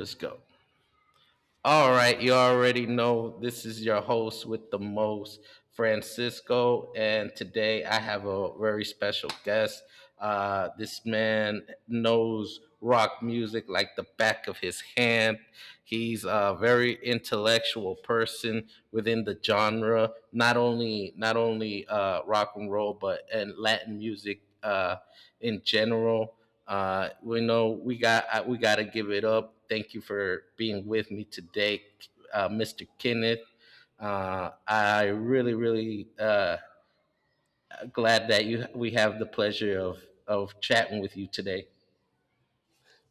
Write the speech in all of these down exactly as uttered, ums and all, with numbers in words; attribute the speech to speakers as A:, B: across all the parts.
A: Let's go. All right, you already know this is your host with the most, Francisco, and today I have a very special guest. Uh, this man knows rock music like the back of his hand. He's a very intellectual person within the genre, not only not only uh, rock and roll, but and Latin music uh, in general. Uh, we know we got uh, we got to give it up. Thank you for being with me today, uh, mister Kenneth. Uh, I really, really uh, glad that you we have the pleasure of of chatting with you today.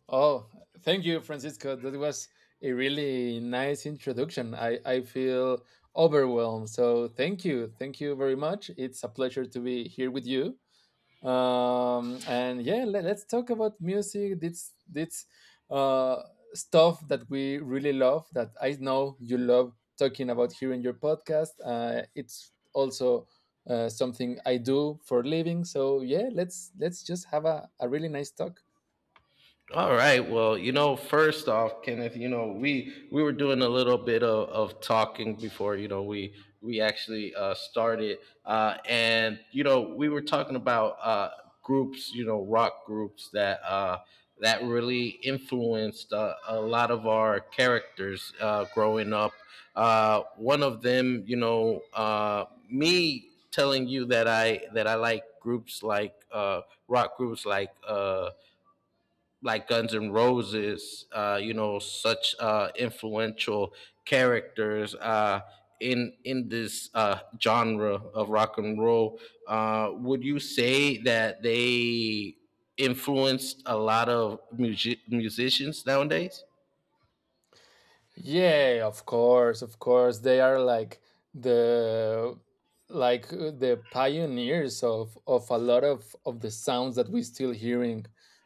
B: Oh, thank you, Francisco. That was a really nice introduction. I, I feel overwhelmed. So thank you. Thank you very much. It's a pleasure to be here with you. Um, and yeah, let us talk about music. This, this uh, stuff that we really love, that I know you love talking about here in your podcast. Uh, it's also uh, something I do for a living. So yeah, let's let's just have a, a really nice talk.
A: All right. Well, you know, first off, Kenneth, you know, we we were doing a little bit of, of talking before, you know, we we actually uh, started, uh, and you know, we were talking about uh, groups, you know, rock groups that uh, that really influenced uh, a lot of our characters uh, growing up. Uh, one of them, you know, uh, me telling you that I that I like groups like uh, rock groups like. Uh, like Guns N' Roses, uh, you know, such uh, influential characters uh, in in this uh, genre of rock and roll. Uh, would you say that they influenced a lot of music- musicians nowadays?
B: Yeah, of course, of course. They are like the like uh, the pioneers of of a lot of of the sounds that we still hearing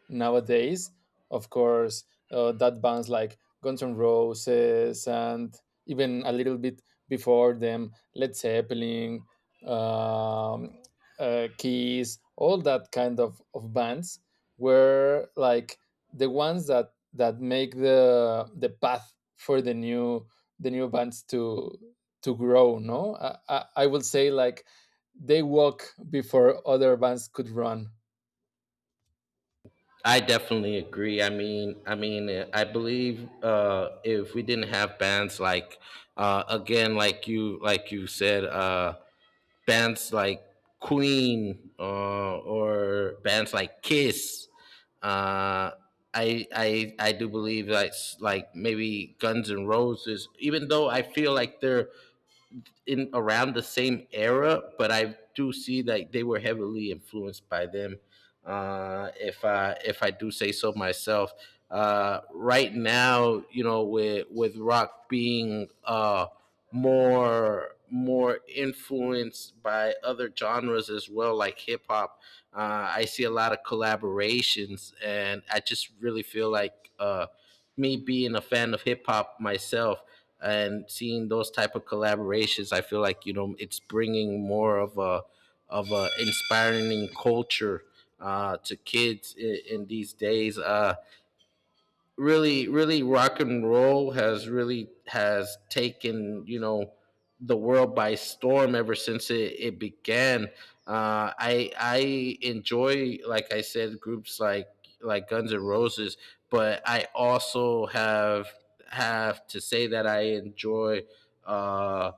B: nowadays. Of course, uh, that bands like Guns N' Roses and even a little bit before them, Led Zeppelin, um, uh, Keys, all that kind of of bands were like the ones that that make the the path for the new the new bands to to grow. No, i i, I will say like they walk before other bands could run.
A: I definitely agree. I mean, I mean, uh, I believe uh, if we didn't have bands like, uh, again, like you, like you said, uh, bands like Queen uh, or bands like Kiss, uh, I, I, I do believe like like maybe Guns and Roses. Even though I feel like they're in around the same era, but I do see that they were heavily influenced by them uh, if I if I do say so myself. Uh, right now, you know, with with rock being uh, more more influenced by other genres as well, like hip hop, uh, I see a lot of collaborations, and I just really feel like uh, me being a fan of hip hop myself and seeing those type of collaborations, I feel like you know it's bringing more of a of a inspiring culture uh, to kids in, in these days. Uh, really, really, rock and roll has really has taken you know the world by storm ever since it, it began. Uh, I I enjoy, like I said, groups like like Guns N' Roses, but I also have have to say that I enjoy uh,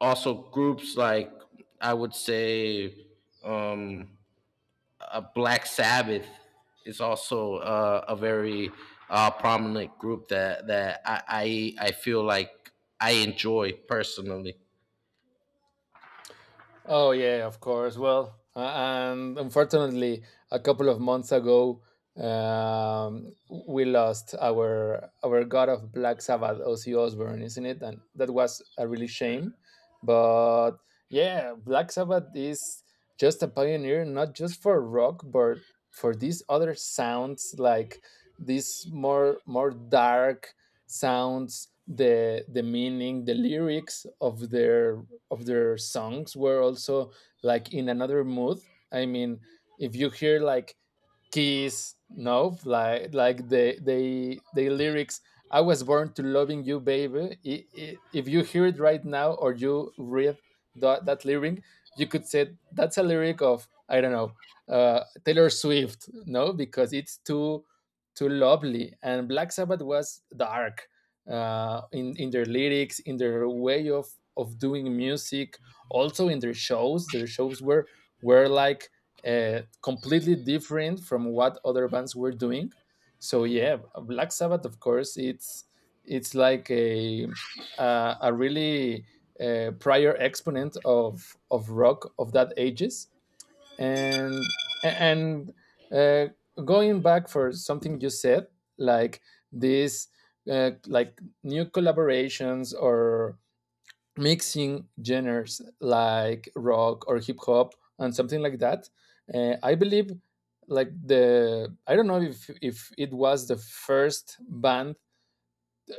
A: also groups like I would say. Um, uh, Black Sabbath is also uh, a very uh, prominent group that that I, I I feel like I enjoy personally.
B: Oh yeah, of course. Well, a- and unfortunately, a couple of months ago, um, we lost our our god of Black Sabbath, Ozzy Osbourne, isn't it? And that was a really shame. But yeah, Black Sabbath is just a pioneer, not just for rock, but for these other sounds, like these more more dark sounds, the the meaning, the lyrics of their of their songs were also like in another mood. I mean, if you hear like Kiss, no, like like the they the lyrics. I was born to loving you, baby. I- i- If you hear it right now or you read that, that lyric, you could say that's a lyric of, I don't know, uh, Taylor Swift, no, because it's too too lovely. And Black Sabbath was dark uh, in in their lyrics, in their way of of doing music, also in their shows. Their shows were were like uh, completely different from what other bands were doing. So yeah, Black Sabbath, of course, it's it's like a a, a really uh, prior exponent of of rock of that ages, and and uh, going back for something you said, like this, uh, like new collaborations or mixing genres like rock or hip hop and something like that. Uh, I believe like the I don't know if if it was the first band,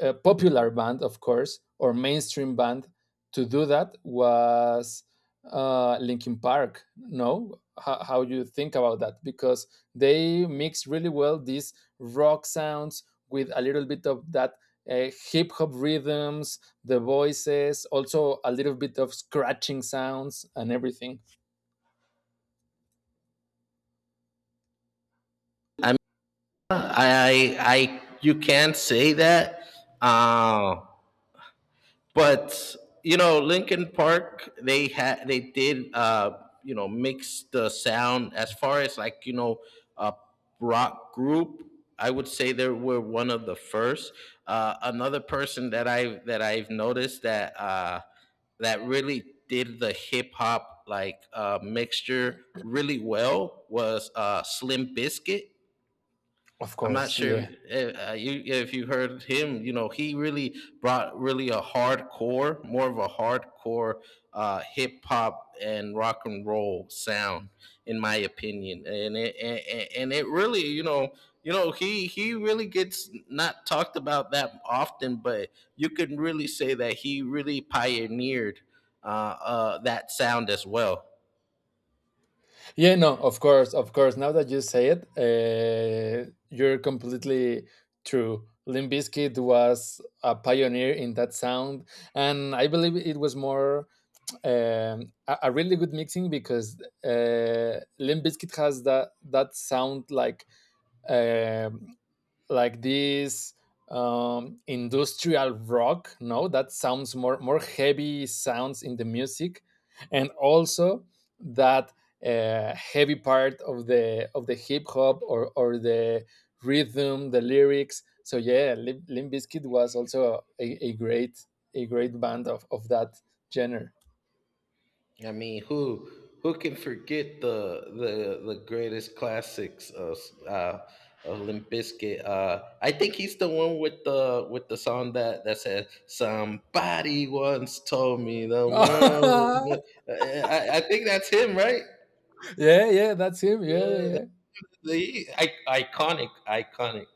B: a popular band, of course, or mainstream band to do that was uh, Linkin Park. No, how, how you think about that? Because they mix really well these rock sounds with a little bit of that uh, hip hop rhythms, the voices, also a little bit of scratching sounds and everything.
A: I mean, I I, I you can say that. Uh, but you know lincoln park they had they did uh you know mix the sound as far as like you know a rock group. I would say they were one of the first. Uh another person that i that i've noticed that uh that really did the hip hop like uh mixture really well was uh slim biscuit
B: Of
A: I'm not
B: course,
A: sure
B: yeah.
A: if uh, you if you heard him. You know, he really brought really a hardcore, more of a hardcore uh, hip hop and rock and roll sound, in my opinion. And it and, and it really, you know, you know, he he really gets not talked about that often, but you can really say that he really pioneered uh, uh, that sound as well.
B: Yeah, no, of course, of course. Now that you say it, uh, you're completely true. Limp Bizkit was a pioneer in that sound, and I believe it was more um, a, a really good mixing because uh, Limp Bizkit has that that sound like. um like this um, industrial rock. No, that sounds more more heavy sounds in the music, and also that uh, heavy part of the of the hip hop or or the rhythm, the lyrics. So yeah, Lim- Limp Bizkit was also a, a great a great band of of that genre.
A: I mean, who who can forget the the the greatest classics of uh, of Limp Bizkit? Uh, I think he's the one with the with the song that that said, "Somebody once told me the world was
B: Yeah,
A: good." I I I think that's him, right?
B: yeah, that's him. Yeah, yeah,
A: Yeah,
B: yeah,
A: the I, iconic, iconic.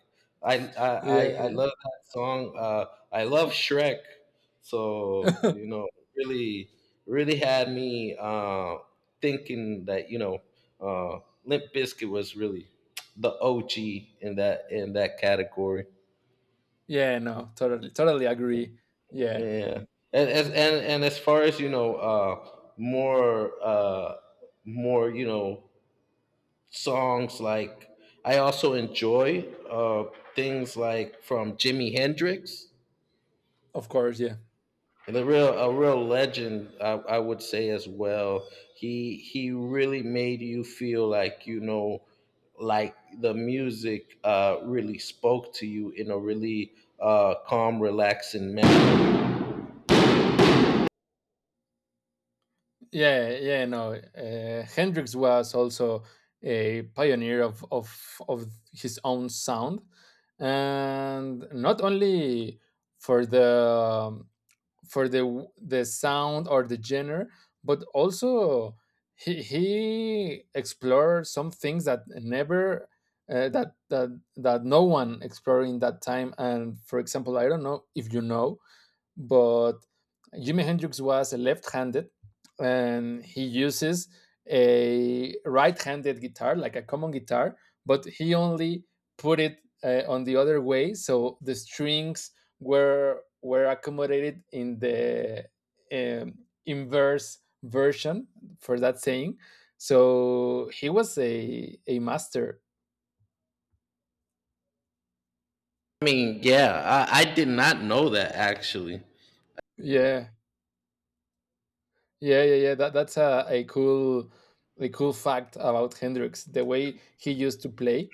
A: I, I I
B: yeah,
A: I
B: yeah.
A: love that song. Uh, I love Shrek. So you know, really, really had me uh, thinking that you know, uh, Limp Bizkit was really the O G in that in that category.
B: Yeah, no, totally, totally agree. Yeah,
A: Yeah, and as and, and as far as you know, uh, more uh, more you know songs like I also enjoy uh, things like from Jimi Hendrix,
B: of course, yeah.
A: and a real a real legend, I, I would say as well. He he really made you feel like you know, like the music uh, really spoke to you in a really uh, calm, relaxing manner.
B: Yeah, yeah, no. Uh, Hendrix was also a pioneer of, of of his own sound, and not only for the um, for the the sound or the genre, but also he he explored some things that never uh, that that that no one explored in that time. And for example, I don't know if you know, but Jimi Hendrix was a left-handed, and he uses a right-handed guitar, like a common guitar, but he only put it uh, on the other way, so the strings were were accommodated in the um, inverse version for that saying. So he was a a master.
A: I mean, yeah, I, I did not know that actually.
B: Yeah, yeah, yeah, yeah. That that's a, a cool a cool fact about Hendrix, the way he used to play.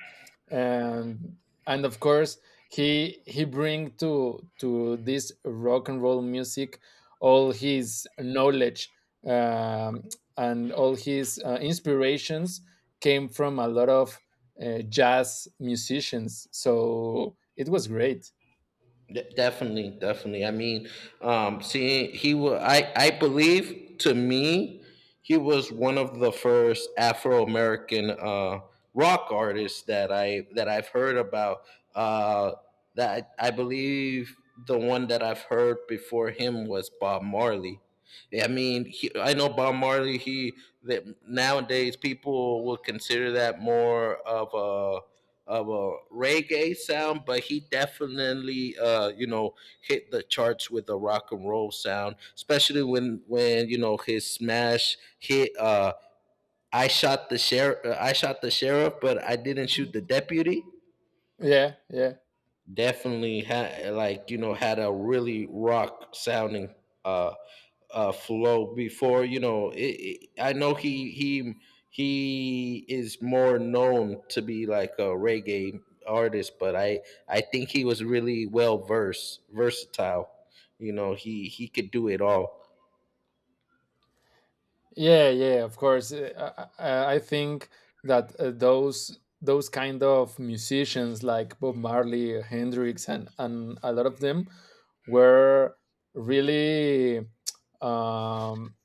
B: And and of course he he bring to to this rock and roll music all his knowledge, um, and all his uh, inspirations came from a lot of uh, jazz musicians. So it was great.
A: De- Definitely, definitely. I mean, um, seeing he was, I, I believe to me, he was one of the first Afro American uh, rock artists that I that I've heard about. Uh, that I believe the one that I've heard before him was Bob Marley. I mean, he, I know Bob Marley. He that nowadays people will consider that more of of a reggae sound, but he definitely uh, you know hit the charts with a rock and roll sound, especially when when you know his smash hit. Uh, I shot the sheriff. I shot the sheriff, but I didn't shoot the deputy.
B: Yeah, yeah.
A: Definitely had like you know had a really rock sounding uh, uh, flow before you know it, it, I know he he he is more known to be like a reggae artist, but i i think he was really well versed versatile. You know, he he could do it all.
B: Yeah, yeah, of course. Uh, I, I, I think that uh, those those kind of musicians like Bob Marley, Hendrix, and and a lot of them were really, um,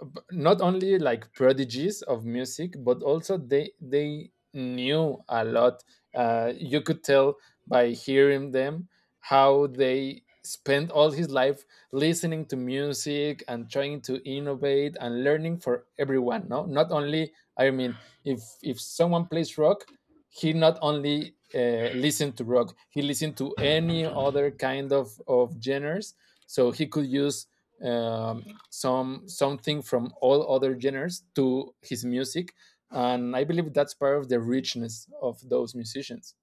B: b- not only like prodigies of music, but also they they knew a lot. Uh, you could tell by hearing them how they spent all his life listening to music and trying to innovate and learning for everyone. No, not only, I mean, if if someone plays rock, he not only uh, listened to rock, he listened to any other kind of of genres, so he could use um, some something from all other genres to his music. And I believe that's part of the richness of those musicians.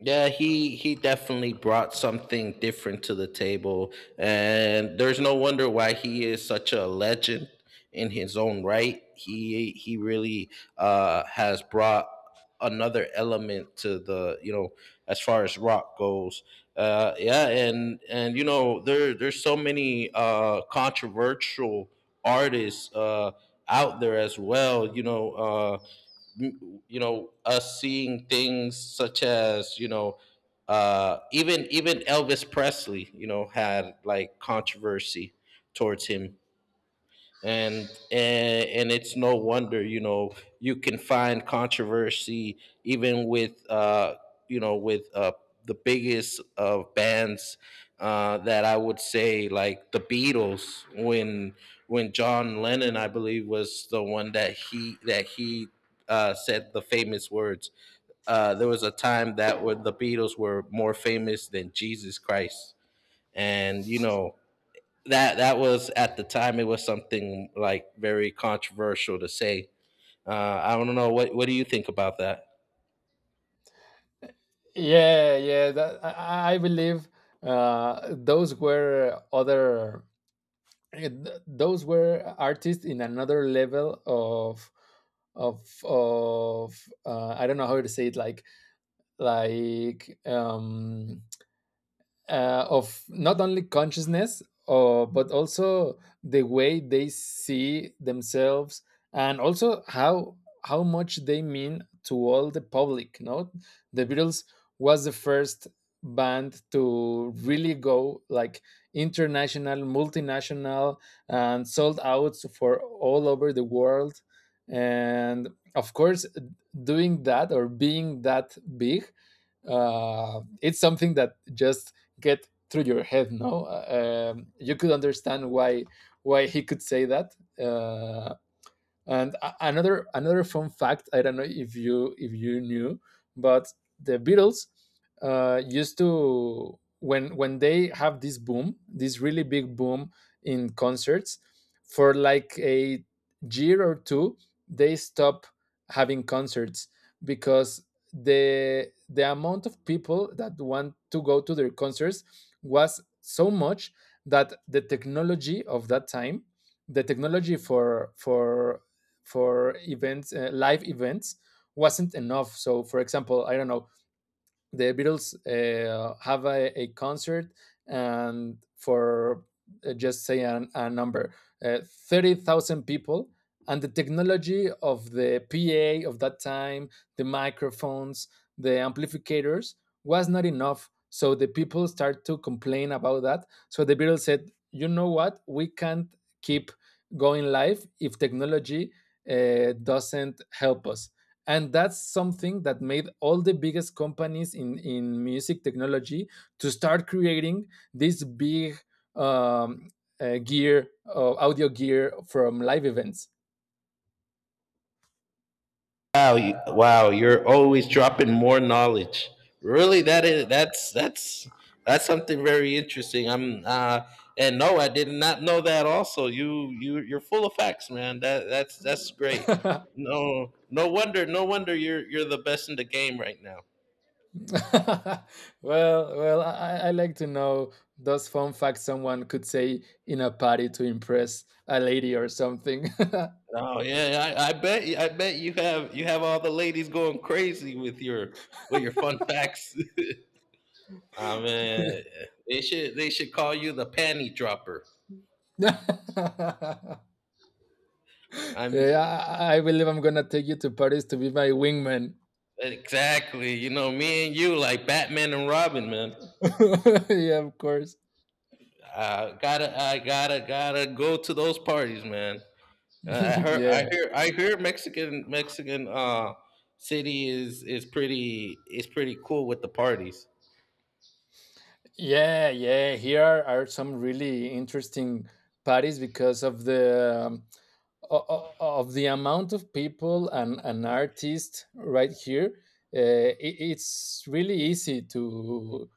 A: Yeah, he he definitely brought something different to the table, and there's no wonder why he is such a legend in his own right. He he really uh, has brought another element to the you know as far as rock goes. Uh, yeah, and and you know there there's so many uh, controversial artists uh, out there as well. You know. Uh, you know us seeing things such as you know uh even even elvis presley you know had like controversy towards him and and, and it's no wonder you know you can find controversy even with uh you know with uh the biggest of bands, uh that I would say like the beatles, when when john lennon, I believe, was the one that he that he uh said the famous words. Uh, there was a time that where the Beatles were more famous than Jesus Christ, and you know, that that was at the time, it was something like very controversial to say. Uh, I don't know what what do you think about that?
B: Yeah, yeah, that, I, I believe uh, those were other, eh, th- those were artists in another level of of of uh, I don't know how to say it, like like um uh, of not only consciousness, uh, but also the way they see themselves and also how how much they mean to all the public. No, the Beatles was the first band to really go like international, multinational, and sold out for all over the world. And of course, doing that or being that big, uh, it's something that just get through your head. No. Uh, um, you could understand why why he could say that, uh, and a- another another fun fact, I don't know if you if you knew, but the Beatles uh, used to, when when they have this boom, this really big boom in concerts, for like a year or two, they stop having concerts because the the amount of people that want to go to their concerts was so much that the technology of that time, the technology for for for events, uh, live events, wasn't enough. So, for example, I don't know, the Beatles uh, have a, a concert and for, uh, just say an, a number, uh, thirty thousand people. And the technology of the P A of that time, the microphones, the amplifiers was not enough. So the people start to complain about that. So the Beatles said, you know what? We can't keep going live if technology uh, doesn't help us. And that's something that made all the biggest companies in in music technology to start creating this big um, uh, gear, uh, audio gear from live events.
A: Wow, you, wow, you're always dropping more knowledge. Really, that is that's that's that's something very interesting. I'm uh, and no, I did not know that. Also, you you you're full of facts, man. That that's that's great.
B: Well,
A: No, no wonder, no wonder you're you're the best in the game right now.
B: well I, I like to know those fun facts someone could say in a party to impress a lady or something.
A: Oh yeah, yeah, I, I bet I bet you have you have all the ladies going crazy with your with your fun facts. I mean, they should they should call you the panty dropper.
B: Yeah,
A: I'm
B: I, I believe I'm gonna take you to Paris to be my wingman.
A: exactly, you know, me and you like Batman and Robin, man.
B: Yeah, of course.
A: I gotta I gotta gotta go to those parties, man. Uh, I heard
B: Yeah.
A: I hear I hear Mexican Mexican uh city is is pretty is pretty cool with the parties.
B: Yeah, yeah. Here are, are some really interesting parties because of the, um, o- o- of the amount of people and an artist right here. Uh, it, it's really easy to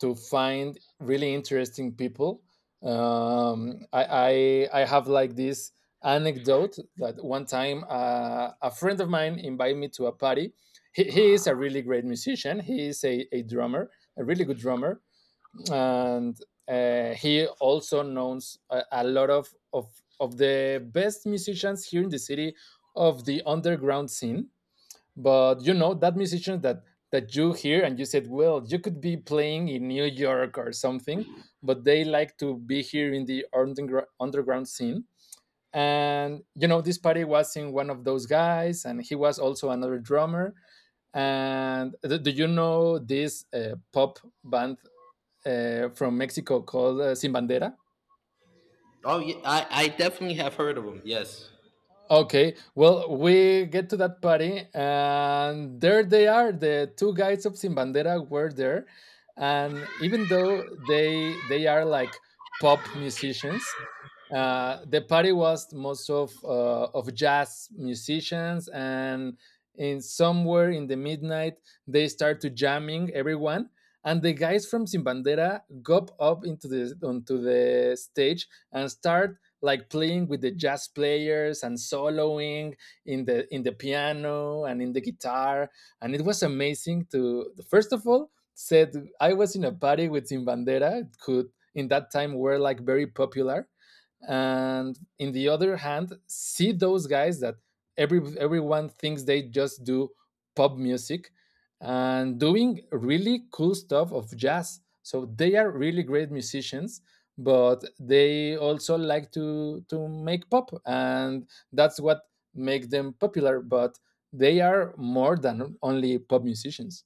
B: to find really interesting people. Um, I, I I have like this anecdote that one time uh, a friend of mine invited me to a party. He, he is a really great musician. He is a, a drummer, a really good drummer, and uh, he also knows a, a lot of, of of the best musicians here in the city of the underground scene. But you know that musicians that that you hear and you said, well, you could be playing in New York or something, but they like to be here in the undergr- underground scene. And you know this party was in one of those guys, and he was also another drummer. And do do you know this uh, pop band uh, from Mexico called uh, Sin Bandera.
A: Oh yeah, I I definitely have heard of them. Yes.
B: Okay, well, we get to that party, and there they are. The two guys of Sin Bandera were there, and even though they they are like pop musicians, uh, the party was most of uh, of jazz musicians, and in somewhere in the midnight they start to jamming everyone, and the guys from Sin Bandera go up into the onto the stage and start like playing with the jazz players and soloing in the in the piano and in the guitar. And it was amazing to, first of all, said I was in a party with Zimbandera, who in that time were like very popular, and in the other hand see those guys that every everyone thinks they just do pop music and doing really cool stuff of jazz. So they are really great musicians, but they also like to to make pop, and that's what make them popular, but they are more than only pop musicians.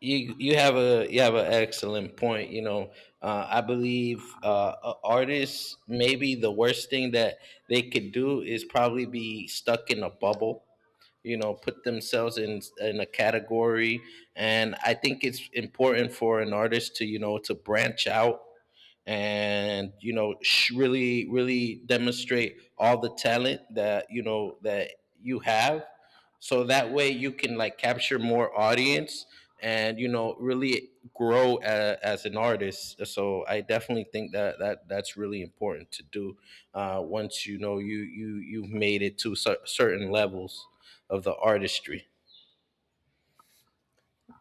A: you you have a you have an excellent point. You know, uh, I believe uh, a- artists, maybe the worst thing that they could do is probably be stuck in a bubble. You know, put themselves in in a category, and I think it's important for an artist to you know to branch out and you know sh- really really demonstrate all the talent that you know that you have, so that way you can like capture more audience and you know really grow a, as an artist. So I definitely think that that that's really important to do uh, once you know you you you've made it to cer- certain levels of the artistry.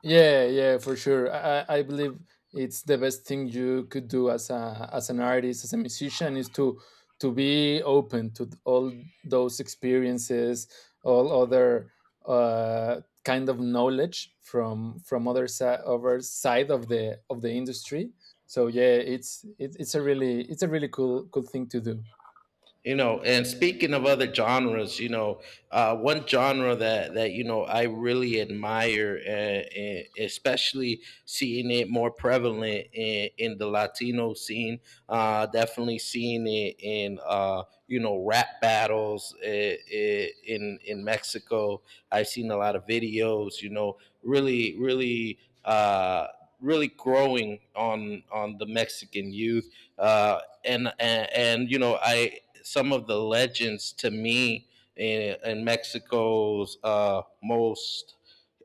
B: Yeah, yeah, for sure. I, I I believe it's the best thing you could do as a as an artist, as a musician, is to to be open to all those experiences, all other uh, kind of knowledge from from other side other side of the of the industry. So yeah, it's it, it's a really it's a really cool cool thing to do.
A: You know, and speaking of other genres, you know, uh, one genre that that you know I really admire, uh, and especially seeing it more prevalent in, in the Latino scene. Uh, definitely seeing it in uh, you know rap battles uh, uh, in in Mexico. I've seen a lot of videos. You know, really, really. Uh, Really growing on on the Mexican youth uh, and, and and you know I some of the legends to me in, in Mexico's uh, most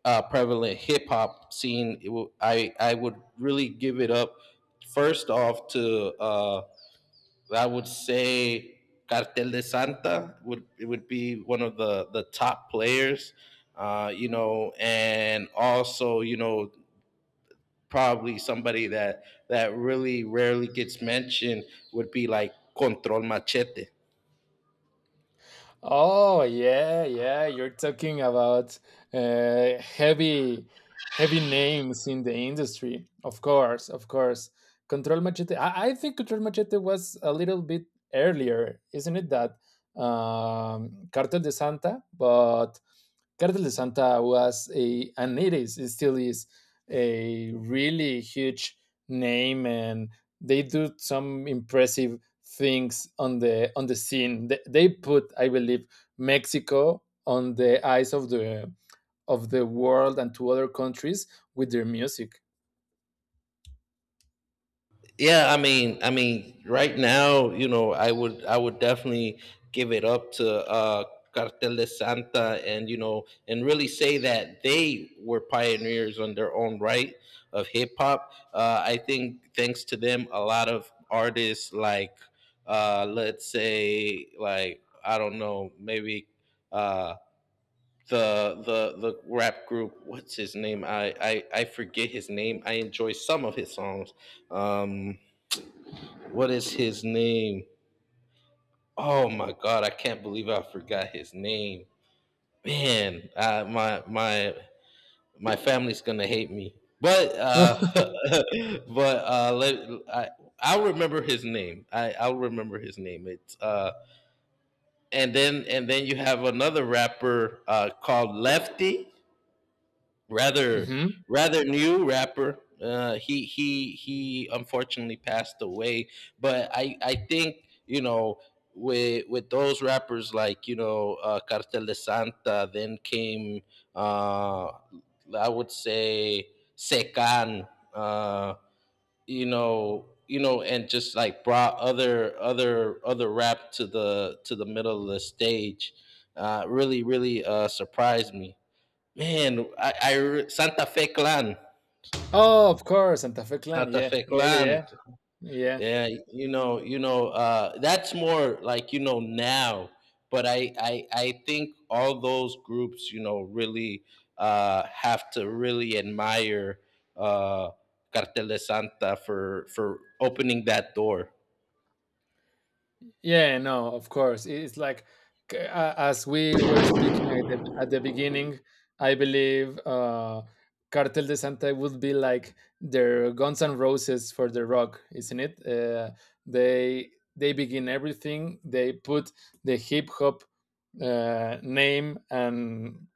A: uh, prevalent hip hop scene. It w- I I would really give it up first off to uh, I would say Cartel de Santa would it would be one of the the top players, uh, you know, and also you know probably somebody that that really rarely gets mentioned would be like Control Machete.
B: Oh yeah, yeah. You're talking about uh, heavy, heavy names in the industry. Of course, of course. Control Machete. I, I think Control Machete was a little bit earlier, isn't it? That um, Cartel de Santa, but Cartel de Santa was a and it is it still is a really huge name, and they do some impressive things on the on the scene. They, they put, I believe, Mexico on the eyes of the of the world and to other countries with their music.
A: Yeah, I mean, I mean, right now, you know, I would, I would definitely give it up to uh, Cartel de Santa, and you know, and really say that they were pioneers on their own right of hip hop. Uh, I think thanks to them, a lot of artists like, uh, let's say, like I don't know, maybe uh, the the the rap group, what's his name? I I I forget his name. I enjoy some of his songs. Um, what is his name? Oh my god, I can't believe I forgot his name. Man, uh, my my my family's gonna hate me. But uh, but uh, let, I I'll remember his name. I I'll remember his name. It's uh, and then and then you have another rapper uh, called Lefty rather,
B: Mhm.
A: rather new rapper. Uh, he he he unfortunately passed away, but I I think you know with with those rappers like you know uh, Cartel de Santa, then came uh, I would say Secan, uh, you know you know and just like brought other other other rap to the to the middle of the stage, uh, really really uh, surprised me. Man, I, I re- Santa Fe Clan,
B: Oh, of course, Santa Fe Clan.
A: Santa
B: Yeah,
A: Fe
B: yeah, yeah,
A: Clan.
B: yeah, yeah.
A: Yeah, you know, you know, uh, that's more like you know now. But I, I, I think all those groups, you know, really uh, have to really admire uh, Cartel de Santa for for opening that door.
B: Yeah, no, of course. It's like c- a- as we were speaking at the at the beginning, I believe uh Cartel de Santa would be like their Guns and Roses for the rock, isn't it? Uh, they they begin everything. They put the hip hop uh, name and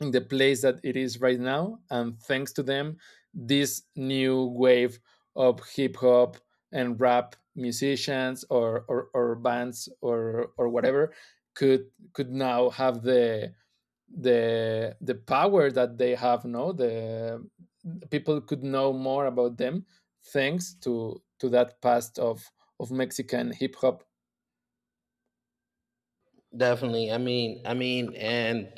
B: in the place that it is right now. And thanks to them, this new wave of hip hop and rap musicians or, or, or bands or, or whatever could could now have the the the power that they have no the people could know more about them thanks to to that past of of Mexican hip hop.
A: Definitely. I mean, I mean, and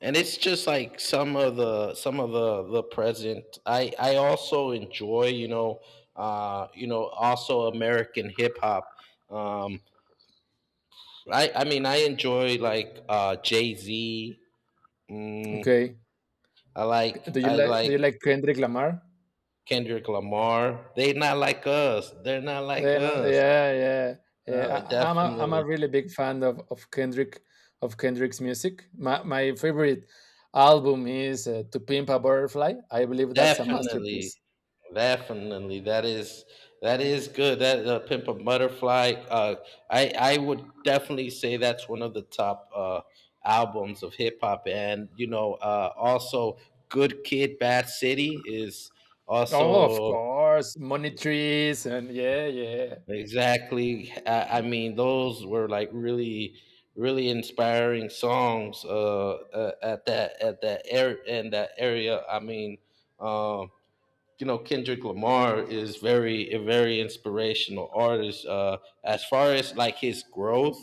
A: and it's just like some of the some of the the present. I I also enjoy, you know, uh, you know, also American hip hop. Um, I I mean, I enjoy like uh Jay Z. Mm,
B: Okay.
A: I like
B: Do you
A: I
B: like do
A: like
B: you like Kendrick Lamar?
A: Kendrick Lamar. They not like us. They're not like
B: Then, uh,
A: us.
B: yeah, yeah, yeah.
A: Uh,
B: I, I'm a I'm a
A: definitely,
B: really big fan of of Kendrick of Kendrick's music. My my favorite album is uh, To Pimp a Butterfly. I believe that's a
A: definitely.
B: masterpiece.
A: Definitely, that is that is good. That uh, pimp a butterfly. Uh, I I would definitely say that's one of the top uh, albums of hip hop, and you know, uh, also Good Kid, Bad City is
B: Oh, of
A: also
B: course, Money Trees, and yeah, yeah.
A: exactly. I, I mean, those were like really, really inspiring songs, uh, uh, at that at that area in that area, I mean. Um, you know, Kendrick Lamar is very a very inspirational artist. Uh, as far as like his growth,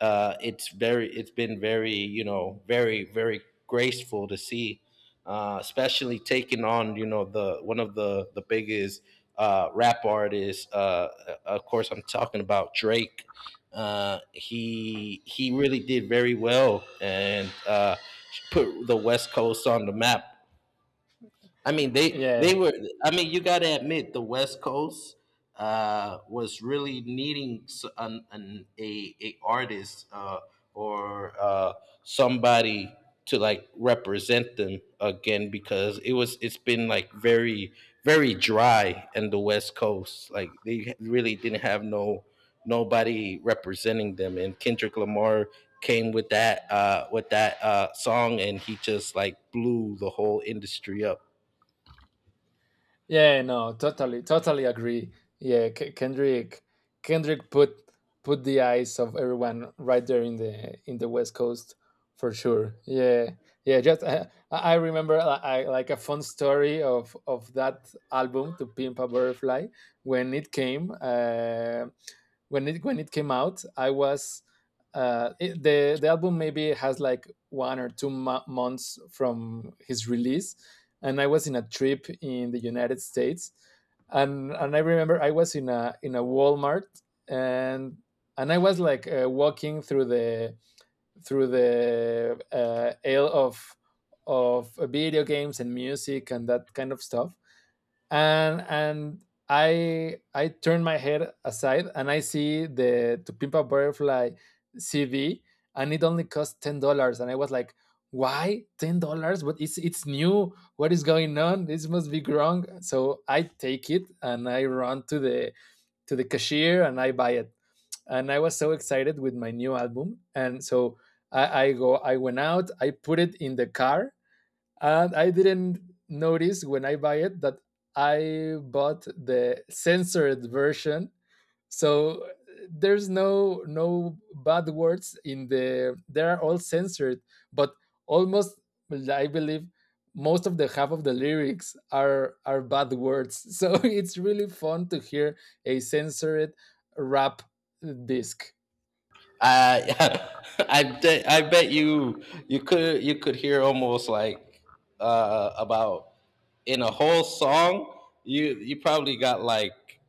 A: uh, it's very, it's been very you know, very very graceful to see, uh, especially taking on, you know, the one of the the biggest uh, rap artists. Uh, uh, of course, I'm talking about Drake. Uh, he he really did very well and uh, put the West Coast on the map. I mean, they they
B: Yeah,
A: were. I mean, you got to admit the West Coast uh, was really needing s- an, an a, a artist, uh, or uh, somebody to like represent them again, because it was it's been like very, very dry in the West Coast. Like they really didn't have no nobody representing them, and Kendrick Lamar came with that uh with that uh song, and he just like blew the whole industry up.
B: yeah, no, totally, totally agree. Yeah, K- Kendrick, Kendrick put put the eyes of everyone right there in the in the West Coast for sure. Yeah, yeah. Just uh, I I remember I, I like a fun story of of that album, To Pimp a Butterfly, when it came. Uh, when it when it came out, I was uh, it, the the album maybe has like one or two mo- months from his release, and I was in a trip in the United States, and and I remember I was in a in a Walmart and and I was like uh, walking through the through the uh, aisle of of video games and music and that kind of stuff, and and I I turn my head aside and I see the To Pimp a Butterfly C D, and it only cost ten dollars, and I was like, "Why ten dollars? But it's it's new. What is going on? This must be wrong." So I take it and I run to the to the cashier and I buy it, and I was so excited with my new album, and so I, I go I went out, I put it in the car, and I didn't notice when I buy it that I bought the censored version. So there's no no bad words in the they are all censored, but almost I believe most of the half of the lyrics are are bad words. So it's really fun to hear a censored rap disc.
A: I I bet I bet you you could, you could hear almost like uh about, in a whole song, you, you probably got like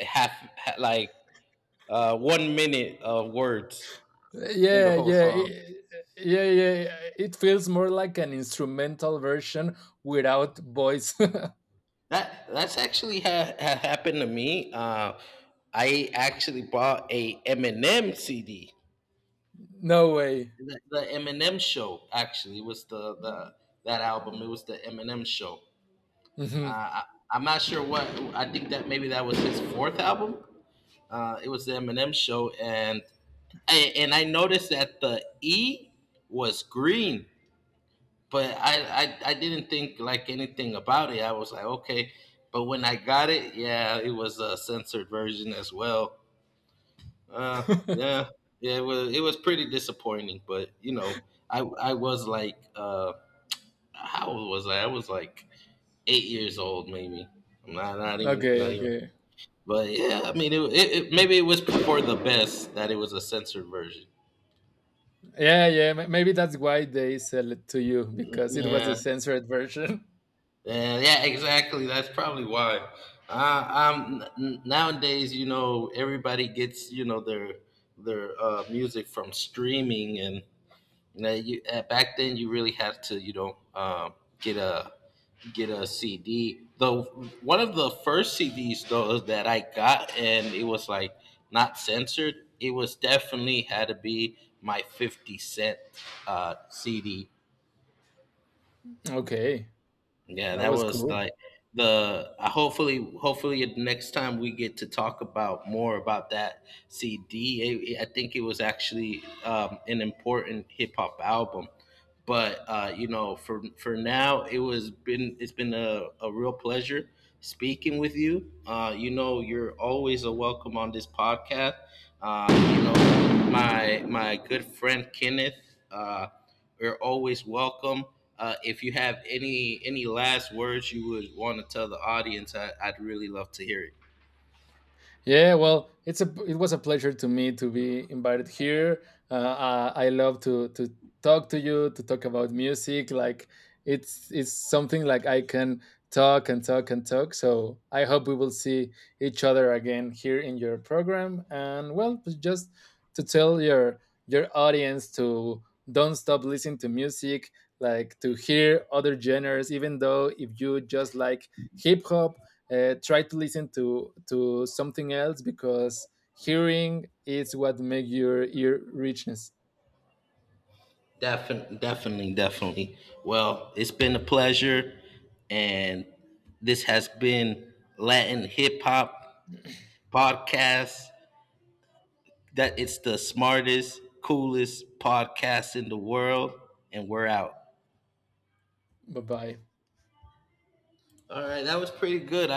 A: half, ha- like uh one minute of words in the
B: Yeah,
A: whole
B: yeah,
A: song.
B: it, yeah, yeah. It feels more like an instrumental version without voice.
A: That that's actually ha- ha- happened to me. Uh, I actually bought a Eminem C D.
B: No way.
A: The, the Eminem show actually was the the that album. It was the Eminem show. Uh,
B: Mhm.
A: I, I'm not sure what. I think that maybe that was his fourth album. Uh, it was the Eminem show, and I, and I noticed that the E was green, but I, I I didn't think like anything about it. I was like, okay, but when I got it, yeah, it was a censored version as well. Uh, yeah, yeah, it was, it was pretty disappointing, but you know, I I was like, uh, how old was I? I was like eight years old, maybe. I'm not, not even
B: Okay,
A: not even
B: okay.
A: but yeah, I mean, it, it, it maybe it was for the best that it was a censored version.
B: Yeah, yeah. ma- Maybe that's why they sell it to you because it was the
A: Yeah,
B: censored version.
A: yeah, yeah, exactly. That's probably why. Uh, um, n- nowadays, you know, everybody gets, you know, their their uh, music from streaming, and you know, you, uh, back then you really had to, you know, uh, get a, get a C D. The one of the first C Ds though that I got, and it was like not censored, it was definitely had to be my Fifty Cent uh, C D.
B: Okay,
A: Yeah,
B: that
A: that
B: was
A: was
B: cool.
A: like the. Uh, hopefully, hopefully next time we get to talk about more about that C D. It- it- I think it was actually um, an important hip hop album, but uh, you know, for for now, it was been, it's been a, a real pleasure speaking with you. Uh, you know, you're always a welcome on this podcast. Uh, you know, my my good friend Kenneth, uh, you're always welcome. Uh, if you have any any last words you would want to tell the audience, I, I'd really love to hear it.
B: Yeah, well, it's a it was a pleasure to me to be invited here. Uh, uh, I love to to talk to you to talk about music. Like it's it's something like I can talk and talk and talk. So I hope we will see each other again here in your program. And well, just to tell your your audience to don't stop listening to music, like to hear other genres, even though if you just like hip hop, uh, try to listen to to something else because hearing is what makes your ear richness.
A: Definitely, definitely, definitely. Well, it's been a pleasure, and this has been Latin Hip Hop Podcast, that it's the smartest, coolest podcast in the world, and we're out.
B: Bye bye.
A: All right, that was pretty good. I